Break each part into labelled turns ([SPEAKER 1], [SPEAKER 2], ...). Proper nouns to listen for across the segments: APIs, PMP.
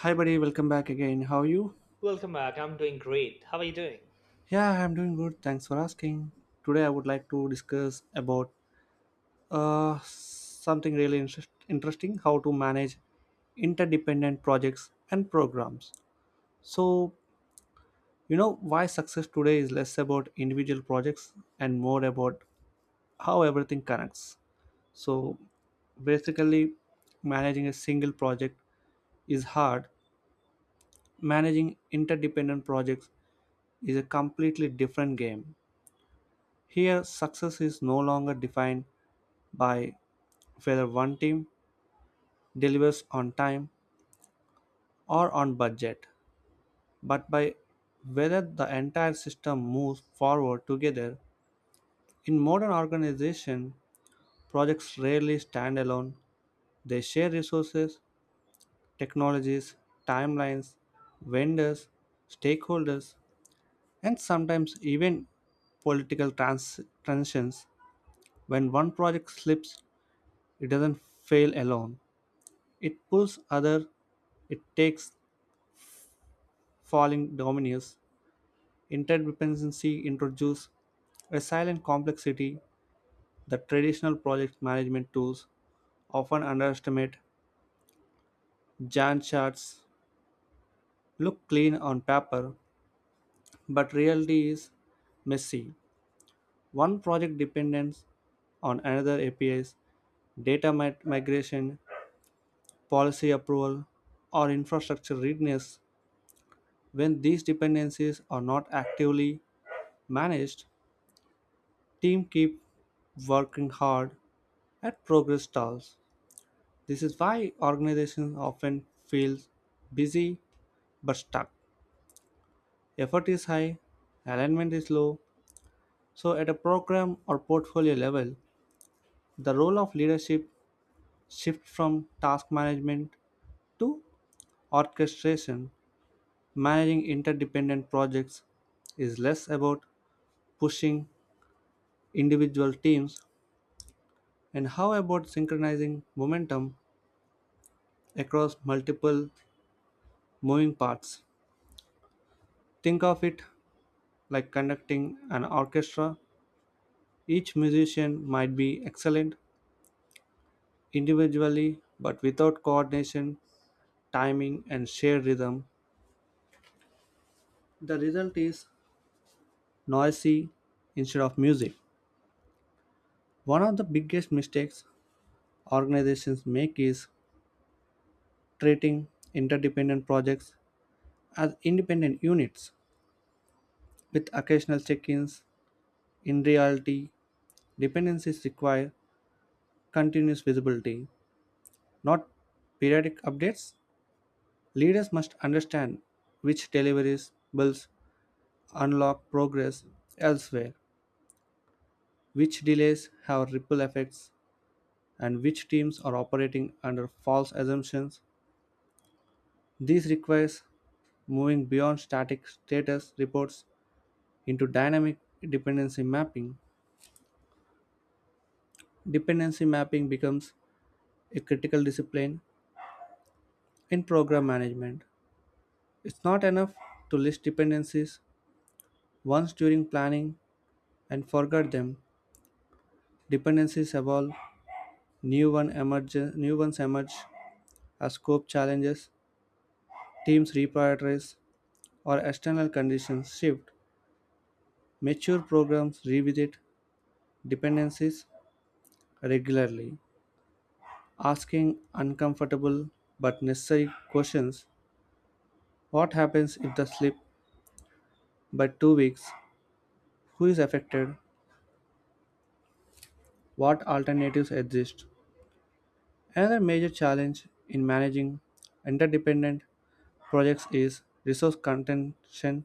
[SPEAKER 1] Hi, buddy. Welcome back again. How are you?
[SPEAKER 2] Welcome back. I'm doing great. How are you doing?
[SPEAKER 1] Yeah, I'm doing good. Thanks for asking. Today, I would like to discuss about something really interesting: how to manage interdependent projects and programs. So, you know why success today is less about individual projects and more about how everything connects. So, basically, managing a single project is hard. Managing interdependent projects is a completely different game. Here, success is no longer defined by whether one team delivers on time or on budget, but by whether the entire system moves forward together. In modern organizations, projects rarely stand alone. They share resources, technologies, timelines, vendors, stakeholders, and sometimes even transitions. When one project slips, it doesn't fail alone. It pulls other, it takes falling dominoes. Interdependency introduces a silent complexity that traditional project management tools often underestimate. Gantt charts look clean on paper, but reality is messy. One project depends on another APIs, migration, policy approval, or infrastructure readiness. When these dependencies are not actively managed, team keep working hard at progress stalls. This is why organizations often feel busy but stuck. Effort is high, alignment is low. So at a program or portfolio level, the role of leadership shifts from task management to orchestration. Managing interdependent projects is less about pushing individual teams and how about synchronizing momentum across multiple moving parts. Think of it like conducting an orchestra. Each musician might be excellent individually, but without coordination, timing, and shared rhythm, the result is noisy instead of music. One of the biggest mistakes organizations make is treating interdependent projects as independent units with occasional check ins. In reality, dependencies require continuous visibility, not periodic updates. Leaders must understand which deliveries bills unlock progress elsewhere, which delays have ripple effects, and which teams are operating under false assumptions. This requires moving beyond static status reports into dynamic dependency mapping. Dependency mapping becomes a critical discipline in program management. It's not enough to list dependencies once during planning and forget them. Dependencies evolve, new, one emerge, new ones emerge as scope challenges, teams reprioritize, or external conditions shift. Mature programs revisit dependencies regularly, asking uncomfortable but necessary questions. What happens if the slip by 2 weeks? Who is affected? What alternatives exist? Another major challenge in managing interdependent projects is resource contention.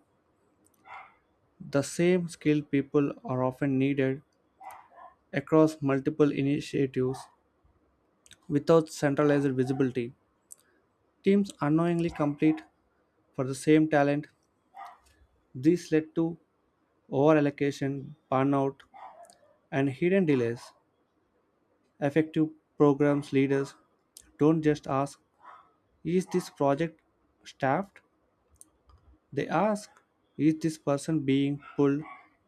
[SPEAKER 1] The same skilled people are often needed across multiple initiatives without centralized visibility. Teams unknowingly compete for the same talent. This led to overallocation, burnout, and hidden delays. Effective programs leaders don't just ask, "Is this project staffed?" They ask, "Is this person being pulled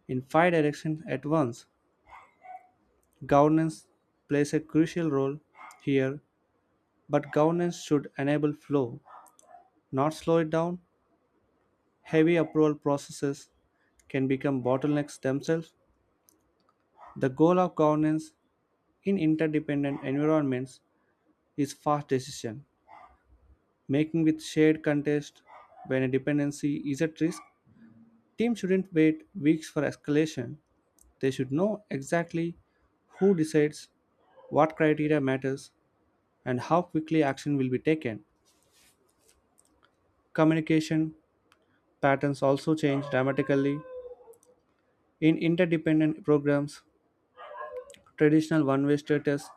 [SPEAKER 1] in five directions at once?" Governance plays a crucial role here. But governance should enable flow, not slow it down. Heavy approval processes can become bottlenecks themselves. The goal of governance in interdependent environments is fast decision making with shared context when a dependency is at risk. Teams shouldn't wait weeks for escalation. They should know exactly who decides, what criteria matters, and how quickly action will be taken. Communication patterns also change dramatically. In interdependent programs, traditional one way status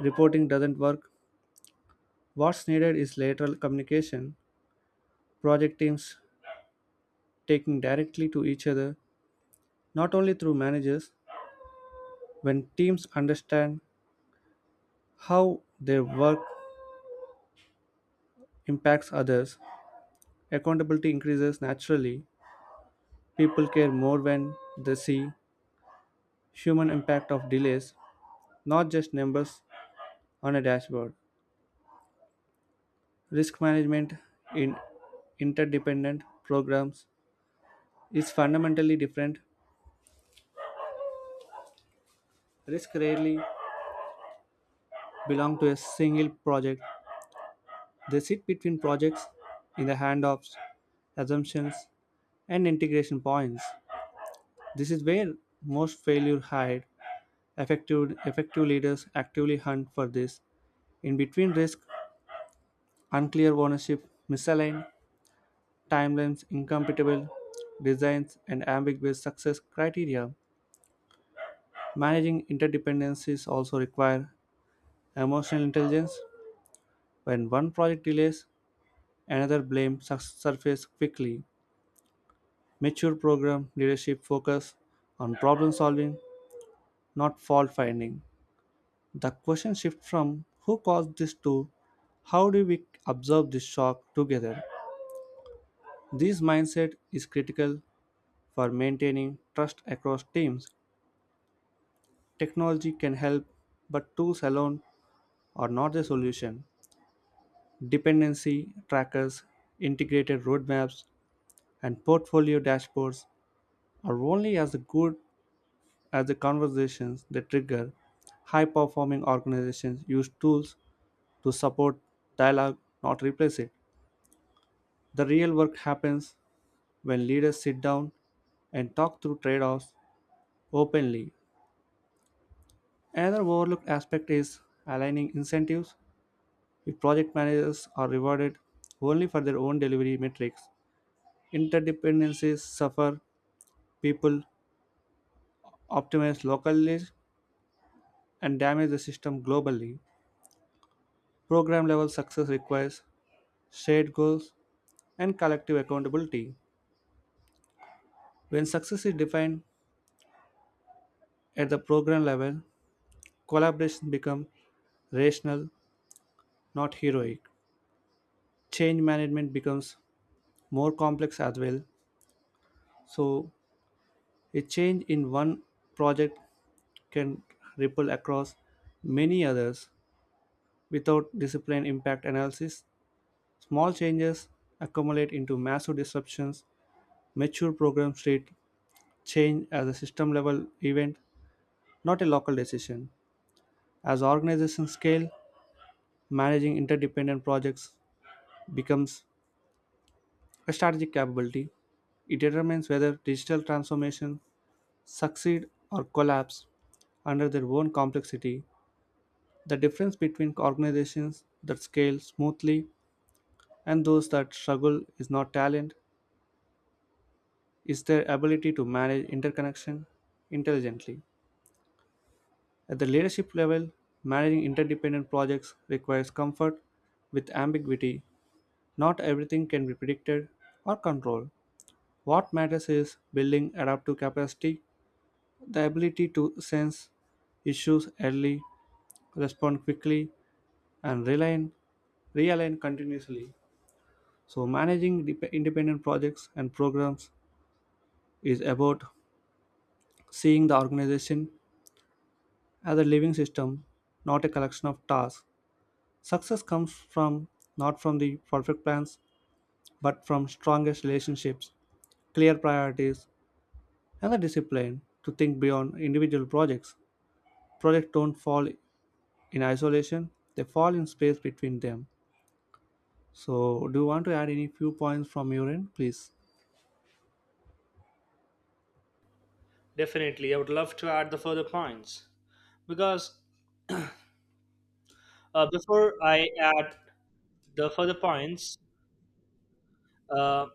[SPEAKER 1] reporting doesn't work. What's needed is lateral communication, project teams taking directly to each other, not only through managers. When teams understand how their work impacts others, accountability increases naturally. People care more when they see human impact of delays, not just numbers on a dashboard. Risk management in interdependent programs is fundamentally different. Risks rarely belong to a single project. They sit between projects in the handoffs, assumptions, and integration points. This is where most failure hide. Effective leaders actively hunt for this. In between risk, unclear ownership, misaligned timelines, incompatible designs, and ambiguous success criteria. Managing interdependencies also require emotional intelligence. When one project delays, another surfaced quickly. Mature program leadership focus on problem solving, not fault finding. The question shifts from who caused this to how do we observe this shock together? This mindset is critical for maintaining trust across teams. Technology can help, but tools alone are not the solution. Dependency trackers, integrated roadmaps, and portfolio dashboards are only as good as the conversations they trigger. High performing organizations use tools to support dialogue, not replace it. The real work happens when leaders sit down and talk through trade offs openly. Another overlooked aspect is aligning incentives. If project managers are rewarded only for their own delivery metrics, interdependencies suffer, people optimize locally and damage the system globally. Program level success requires shared goals and collective accountability. When success is defined at the program level, collaboration becomes rational, not heroic. Change management becomes more complex as well. So, a change in one project can ripple across many others without discipline impact analysis. Small changes accumulate into massive disruptions. Mature programs treat change as a system level event, not a local decision. As organizations scale, managing interdependent projects becomes a strategic capability. It determines whether digital transformation succeed or collapse under their own complexity. The difference between organizations that scale smoothly and those that struggle is not talent, is their ability to manage interconnection intelligently. At the leadership level, managing interdependent projects requires comfort with ambiguity. Not everything can be predicted or controlled. What matters is building adaptive capacity, the ability to sense issues early, respond quickly, and realign continuously. So, managing independent projects and programs is about seeing the organization as a living system, not a collection of tasks. Success comes from not from the perfect plans, but from strongest relationships, clear priorities, and the discipline to think beyond individual projects. Projects don't fall in isolation, they fall in space between them. So, do you want to add any few points from your end, please?
[SPEAKER 2] Definitely. I would love to add the further points because before I add the further points, uh,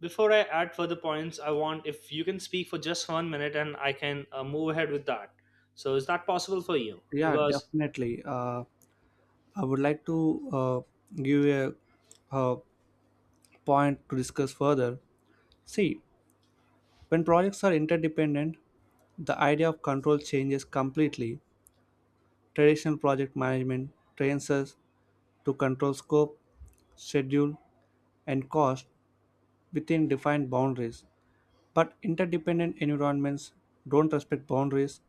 [SPEAKER 2] I want if you can speak for just 1 minute and I can move ahead with that. So is that possible for you?
[SPEAKER 1] Yeah,
[SPEAKER 2] Because
[SPEAKER 1] definitely. I would like to give a, uh point to discuss further. See, when projects are interdependent, the idea of control changes completely. Traditional project management trains us to control scope, schedule, and cost within defined boundaries. But interdependent environments don't respect boundaries.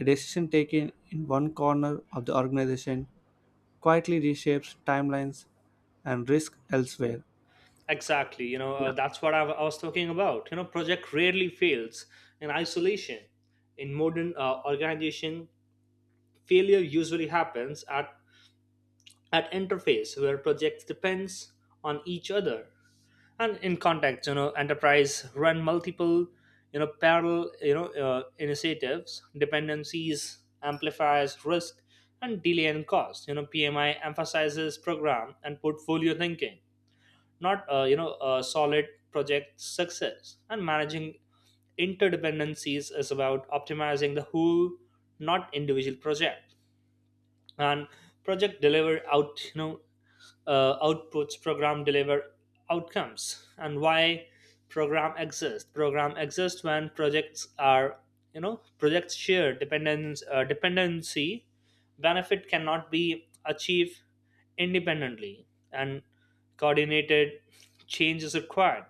[SPEAKER 1] A decision taken in one corner of the organization quietly reshapes timelines and risk elsewhere.
[SPEAKER 2] exactly, you know, that's what I was talking about. You know, project rarely fails in isolation. In modern organization, failure usually happens at interface where projects depends on each other. And in context, you know, enterprise run multiple, you know, parallel, you know, initiatives dependencies amplifies risk and delay and cost. You know, PMI emphasizes program and portfolio thinking, not you know, a solid project success. And managing interdependencies is about optimizing the whole, not individual project. And project deliver out, you know, outputs, program deliver outcomes. And why program exists, program exists when projects are, you know, projects share dependence dependency. Benefit cannot be achieved independently and coordinated change is required.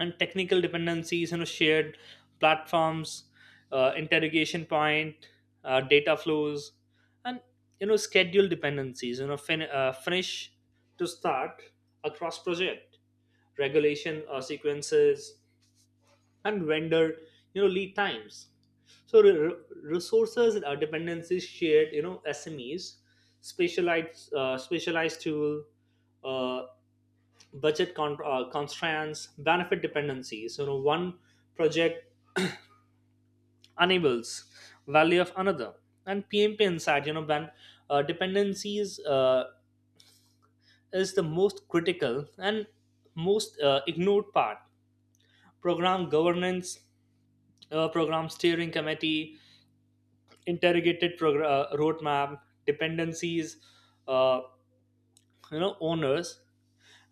[SPEAKER 2] And technical dependencies, you know, shared platforms, interrogation point, data flows, and, you know, schedule dependencies, you know, finish to start across project regulation, sequences, and vendor, you know, lead times. So resources and dependencies shared, you know, SMEs, specialized tool, uh, constraints, benefit dependencies. You know, one project enables value of another, and PMP insight. You know, when dependencies is the most critical and most ignored part. Program governance, program steering committee, interrogated roadmap, dependencies, uh, you know, owners,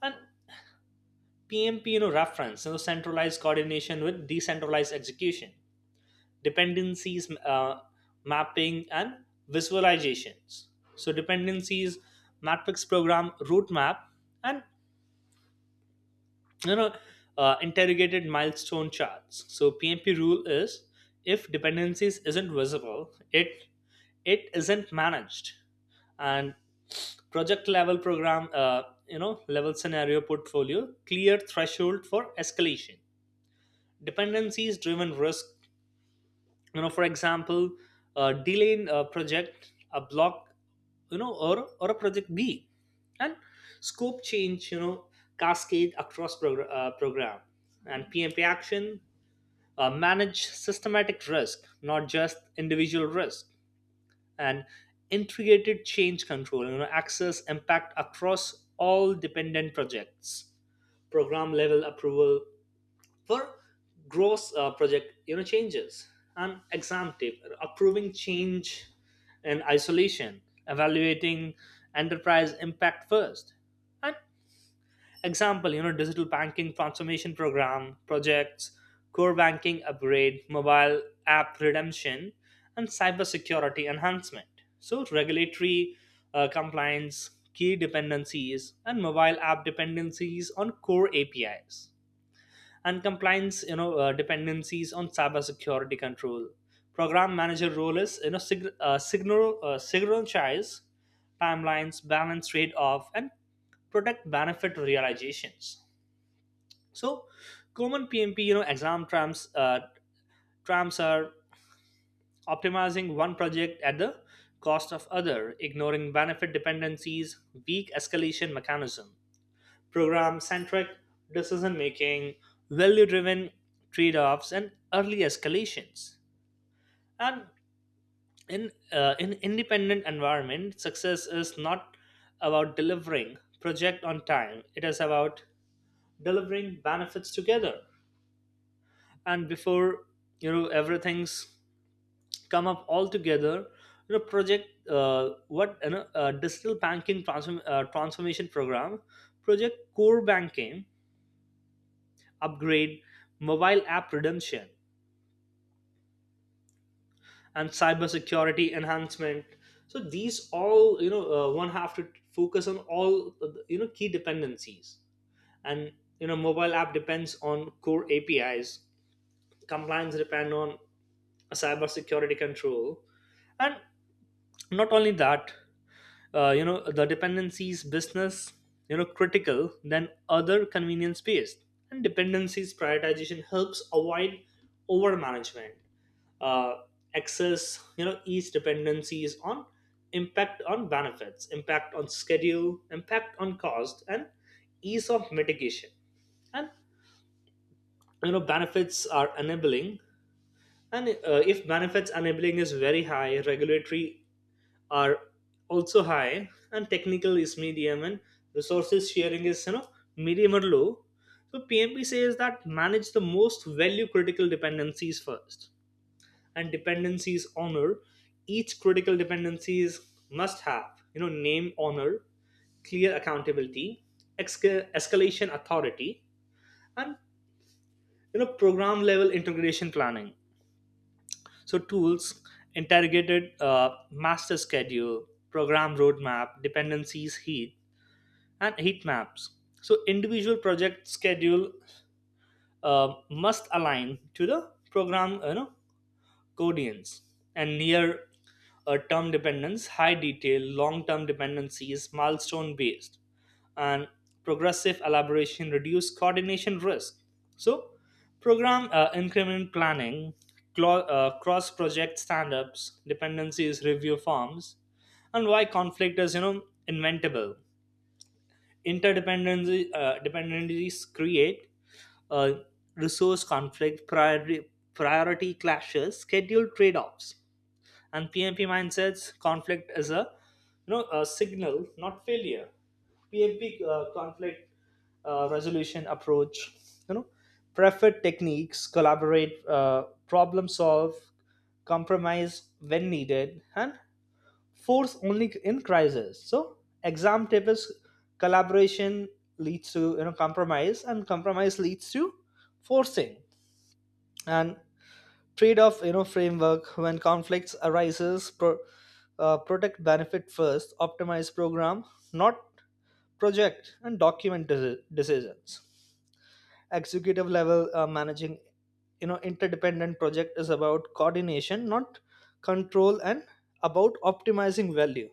[SPEAKER 2] and PMP, you know, reference, you know, centralized coordination with decentralized execution, dependencies mapping and visualizations. So dependencies matrix, program route map, and, you know, interrogated milestone charts. So PMP rule is, if dependencies isn't visible, it isn't managed. And project level, program you know, level scenario, portfolio, clear threshold for escalation, dependencies driven risk. You know, for example, delay in a project A block, you know, or a project B, and scope change, you know, cascade across program. And PMP action, manage systematic risk, not just individual risk. And integrated change control, you know, access impact across all dependent projects, program level approval for gross project, you know, changes. And exam tip, approving change in isolation, evaluating enterprise impact first. And example, you know, digital banking transformation program projects, core banking upgrade, mobile app redemption, and cybersecurity enhancement. So regulatory compliance key dependencies, and mobile app dependencies on core APIs, and compliance, you know, dependencies on cybersecurity control. Program manager role is, you know, sig- signal synchronize timelines, balance trade-off, and protect benefit realizations. So common PMP, you know, exam trams are optimizing one project at the cost of other, ignoring benefit dependencies, weak escalation mechanism, program centric decision making, value driven trade offs, and early escalations. And in independent environment, success is not about delivering project on time. It is about delivering benefits together. And before, you know, everything's come up all together, you know, digital banking transformation program, project core banking upgrade, mobile app redemption, and cybersecurity enhancement. So these all, you know, one have to focus on all, you know, key dependencies, and, you know, mobile app depends on core APIs, compliance depend on cybersecurity control, and not only that, you know, the dependencies business, you know, critical than other convenience based. And dependencies prioritization helps avoid over management. uh, Access, you know, each dependencies on impact on benefits, impact on schedule, impact on cost, and ease of mitigation. And, you know, benefits are enabling, and if benefits enabling is very high, regulatory are also high, and technical is medium, and resources sharing is, you know, medium or low. So PMP says that manage the most value critical dependencies first. And dependencies honor, each critical dependencies must have, you know, name honor, clear accountability, escalation authority, and, you know, program level integration planning. So tools, interrogated master schedule, program roadmap, dependencies heat and heat maps. So individual project schedule must align to the program, you know, codians, and near a term dependence, high detail, long term dependency is milestone based, and progressive elaboration reduce coordination risk. So, program increment planning, cross project stand ups, dependencies review forms, and why conflict is, you know, inventable. Interdependencies Dependencies create uh, resource conflict, priority clashes, schedule trade offs, and PMP mindsets, conflict is a, you know, a signal, not failure. PMP conflict resolution approach, you know, preferred techniques, collaborate, problem solve, compromise when needed, and force only in crisis. So exam tip is collaboration leads to, you know, compromise, and compromise leads to forcing. And trade-off, you know, framework when conflicts arises, protect benefit first, optimize program, not project, and document decisions. Executive level, managing, you know, interdependent project is about coordination, not control, and about optimizing value,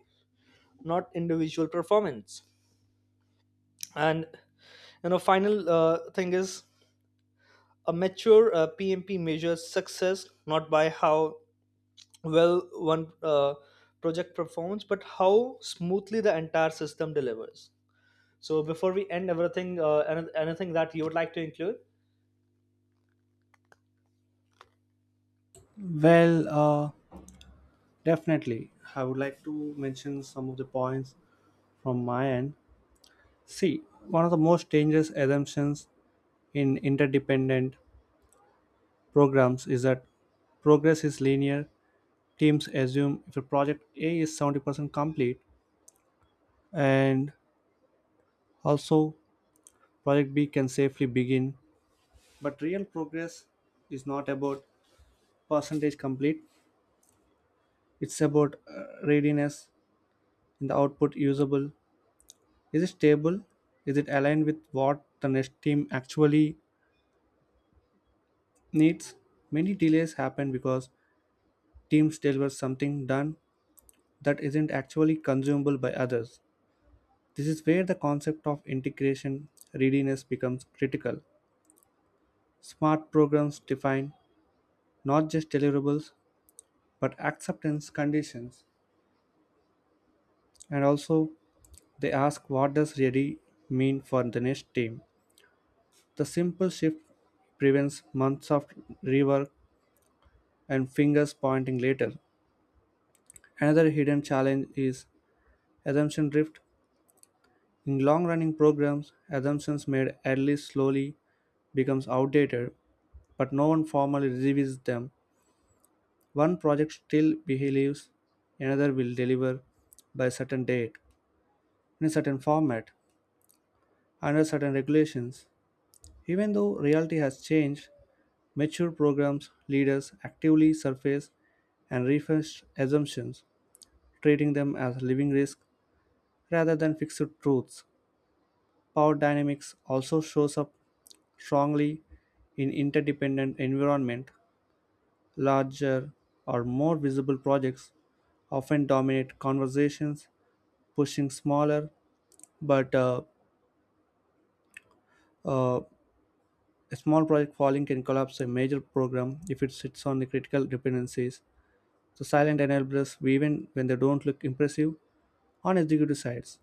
[SPEAKER 2] not individual performance. And, you know, final thing is, a mature PMP measures success not by how well one project performs, but how smoothly the entire system delivers. So before we end everything, anything that you would like to include?
[SPEAKER 1] Well, definitely. I would like to mention some of the points from my end. See, one of the most dangerous assumptions in interdependent programs is that progress is linear. Teams assume if a project A is 70% complete and also project B can safely begin. But real progress is not about percentage complete, it's about readiness in the output, usable, is it stable, is it aligned with what the next team actually needs? Many delays happen because teams deliver something done that isn't actually consumable by others. This is where the concept of integration readiness becomes critical. Smart programs define not just deliverables but acceptance conditions, and also they ask, what does ready mean for the next team? The simple shift prevents months of rework and fingers pointing later. Another hidden challenge is assumption drift. In long-running programs, assumptions made early slowly becomes outdated, but no one formally revisits them. One project still believes another will deliver by a certain date, in a certain format, under certain regulations. Even though reality has changed, mature programs leaders actively surface and refresh assumptions, treating them as living risks rather than fixed truths. Power dynamics also shows up strongly in interdependent environment. Larger or more visible projects often dominate conversations, pushing smaller but uh, a small project falling can collapse a major program if it sits on the critical dependencies. So silent enablers even when they don't look impressive on executive sides.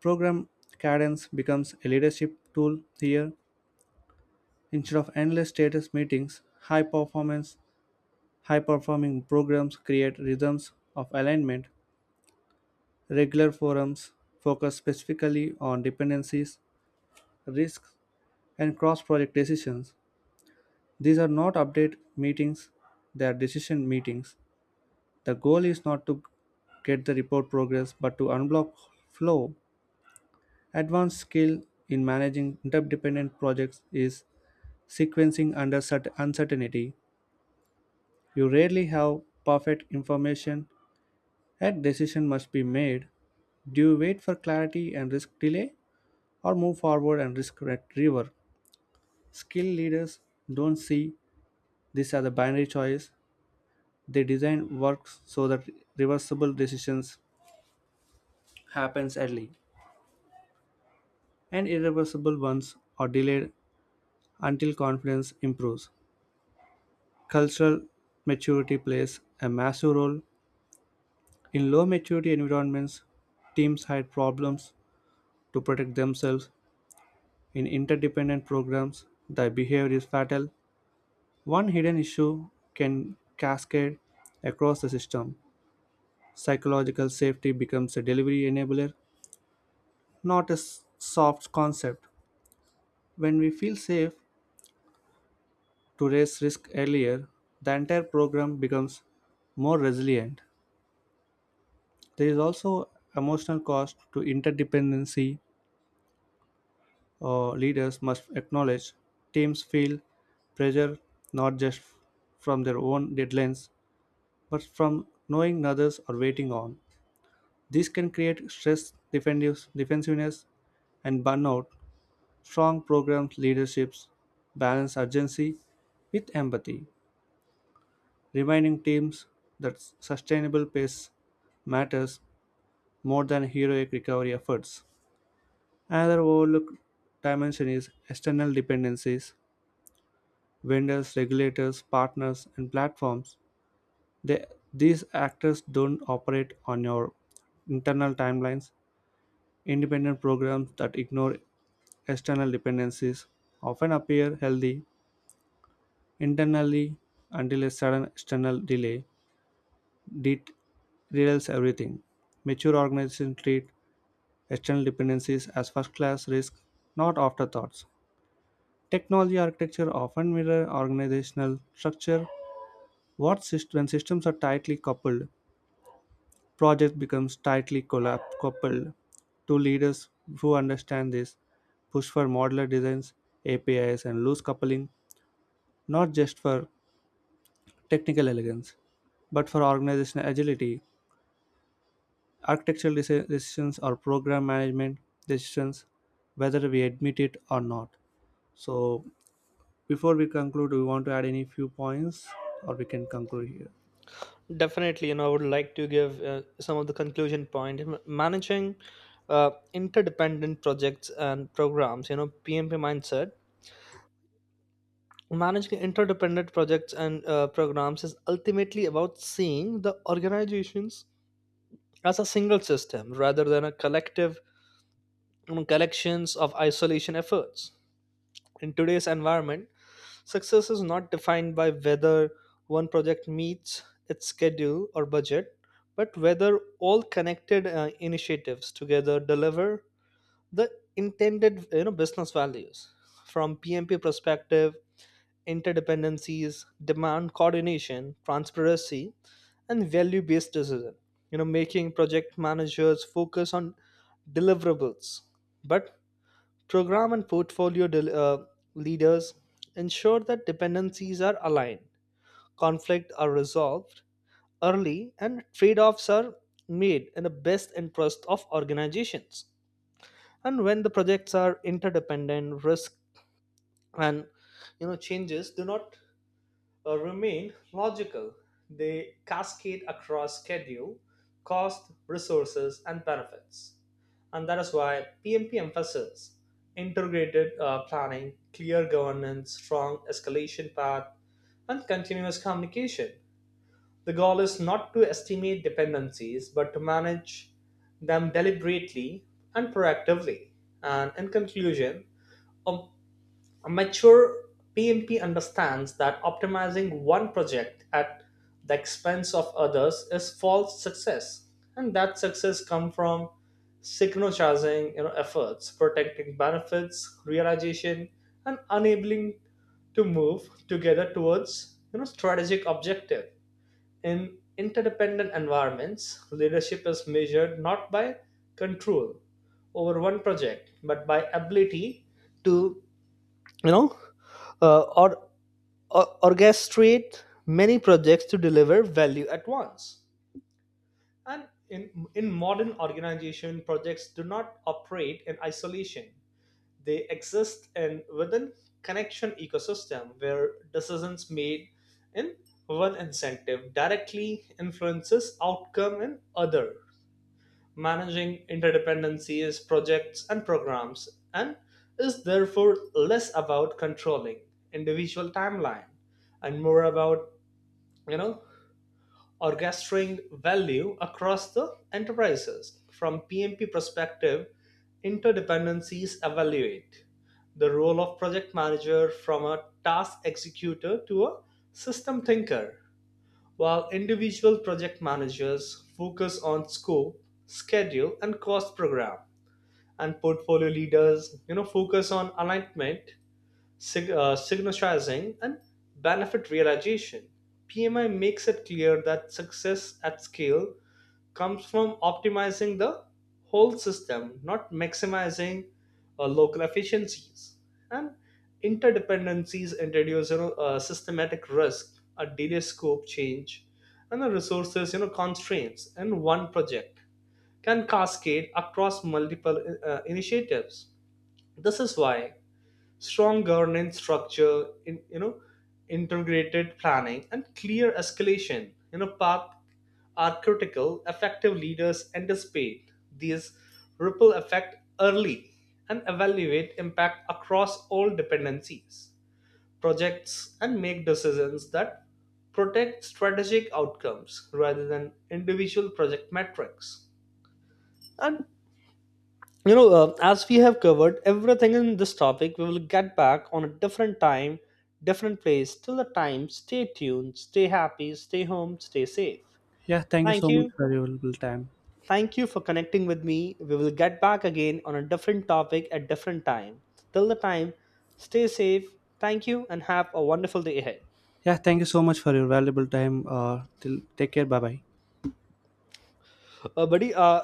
[SPEAKER 1] Program cadence becomes a leadership tool here. Instead of endless status meetings, high performance, high performing programs create rhythms of alignment. Regular forums focus specifically on dependencies, risks, and cross project decisions. These are not update meetings, they are decision meetings. The goal is not to get the report progress but to unblock flow. Advanced skill in managing interdependent projects is sequencing under uncertainty. You rarely have perfect information. A decision must be made. Do you wait for clarity and risk delay or move forward and risk rework? Skill leaders don't see this as a binary choice. They design works so that reversible decisions happens early and irreversible ones are delayed until confidence improves. Cultural maturity plays a massive role. In low maturity environments, teams hide problems to protect themselves. In interdependent programs, the behavior is fatal. One hidden issue can cascade across the system. Psychological safety becomes a delivery enabler, not a soft concept. When we feel safe to raise risk earlier, the entire program becomes more resilient. There is also emotional cost to interdependency. Leaders must acknowledge teams feel pressure not just from their own deadlines but from knowing others are waiting on. This can create stress, defensiveness, and burnout. Strong programs leaderships balance urgency with empathy, reminding teams that sustainable pace matters more than heroic recovery efforts. Another overlooked dimension is external dependencies, vendors, regulators, partners, and platforms. They, these actors don't operate on your internal timelines. Independent programs that ignore external dependencies often appear healthy internally until a sudden external delay det- derails everything. Mature organizations treat external dependencies as first class risk, not afterthoughts. Technology architecture often mirror organizational structure. When systems are tightly coupled, project becomes tightly coupled. Two leaders who understand this push for modular designs, APIs, and loose coupling, not just for technical elegance, but for organizational agility. Architectural decisions or program management decisions, whether we admit it or not. So, before we conclude, do we want to add any few points, or we can conclude here?
[SPEAKER 2] Definitely, you know, I would like to give some of the conclusion point. Managing interdependent projects and programs, you know, PMP mindset. Managing interdependent projects and programs is ultimately about seeing the organizations as a single system rather than a collective, you know, collections of isolation efforts. In today's environment, success is not defined by whether one project meets its schedule or budget, but whether all connected initiatives together deliver the intended, you know, business values. From PMP perspective, interdependencies demand coordination, transparency, and value-based decision. You know, making project managers focus on deliverables, but program and portfolio leaders ensure that dependencies are aligned, conflict are resolved early, and trade offs are made in the best interest of organizations. And when the projects are interdependent, risk and, you know, changes do not remain logical. They cascade across schedule, cost, resources, and benefits. And that is why PMP emphasizes integrated planning, clear governance, strong escalation path, and continuous communication. The goal is not to estimate dependencies, but to manage them deliberately and proactively. And in conclusion, a a mature PMP understands that optimizing one project at the expense of others is false success, and that success comes from synchronizing, you know, efforts, protecting benefits, realization, and enabling to move together towards, you know, strategic objective. In interdependent environments, leadership is measured not by control over one project, but by ability to, you know, uh, or, or orchestrate many projects to deliver value at once. And in modern organization, projects do not operate in isolation. They exist in within connection ecosystem where decisions made in one incentive directly influences outcome in other. Managing interdependencies, projects, and programs, and is therefore less about controlling individual timeline and more about, you know, orchestrating value across the enterprises. From PMP perspective, interdependencies evaluate the role of project manager from a task executor to a system thinker. While individual project managers focus on scope, schedule, and cost, program and portfolio leaders, you know, focus on alignment, synchronizing, and benefit realization. PMI makes it clear that success at scale comes from optimizing the whole system, not maximizing local efficiencies. And interdependencies introduce, you know, a systematic risk, a delay, scope change, and the resources, you know, constraints in one project can cascade across multiple initiatives. This is why strong governance structure in, you know, integrated planning and clear escalation, you know, path are critical. Effective leaders anticipate these ripple effect early and evaluate impact across all dependencies projects, and make decisions that protect strategic outcomes rather than individual project metrics. And, you know, as we have covered everything in this topic, we will get back on a different time, different place. Till the time, stay tuned, stay happy, stay home, stay safe.
[SPEAKER 1] Yeah, thank you
[SPEAKER 2] Thank
[SPEAKER 1] so
[SPEAKER 2] you.
[SPEAKER 1] much for your valuable time.
[SPEAKER 2] Thank you for connecting with me. We will get back again on a different topic at different time. Till the time, stay safe. Thank you, and have a wonderful day ahead.
[SPEAKER 1] Yeah, thank you so much for your valuable time. Till take care. Bye bye.
[SPEAKER 2] Buddy,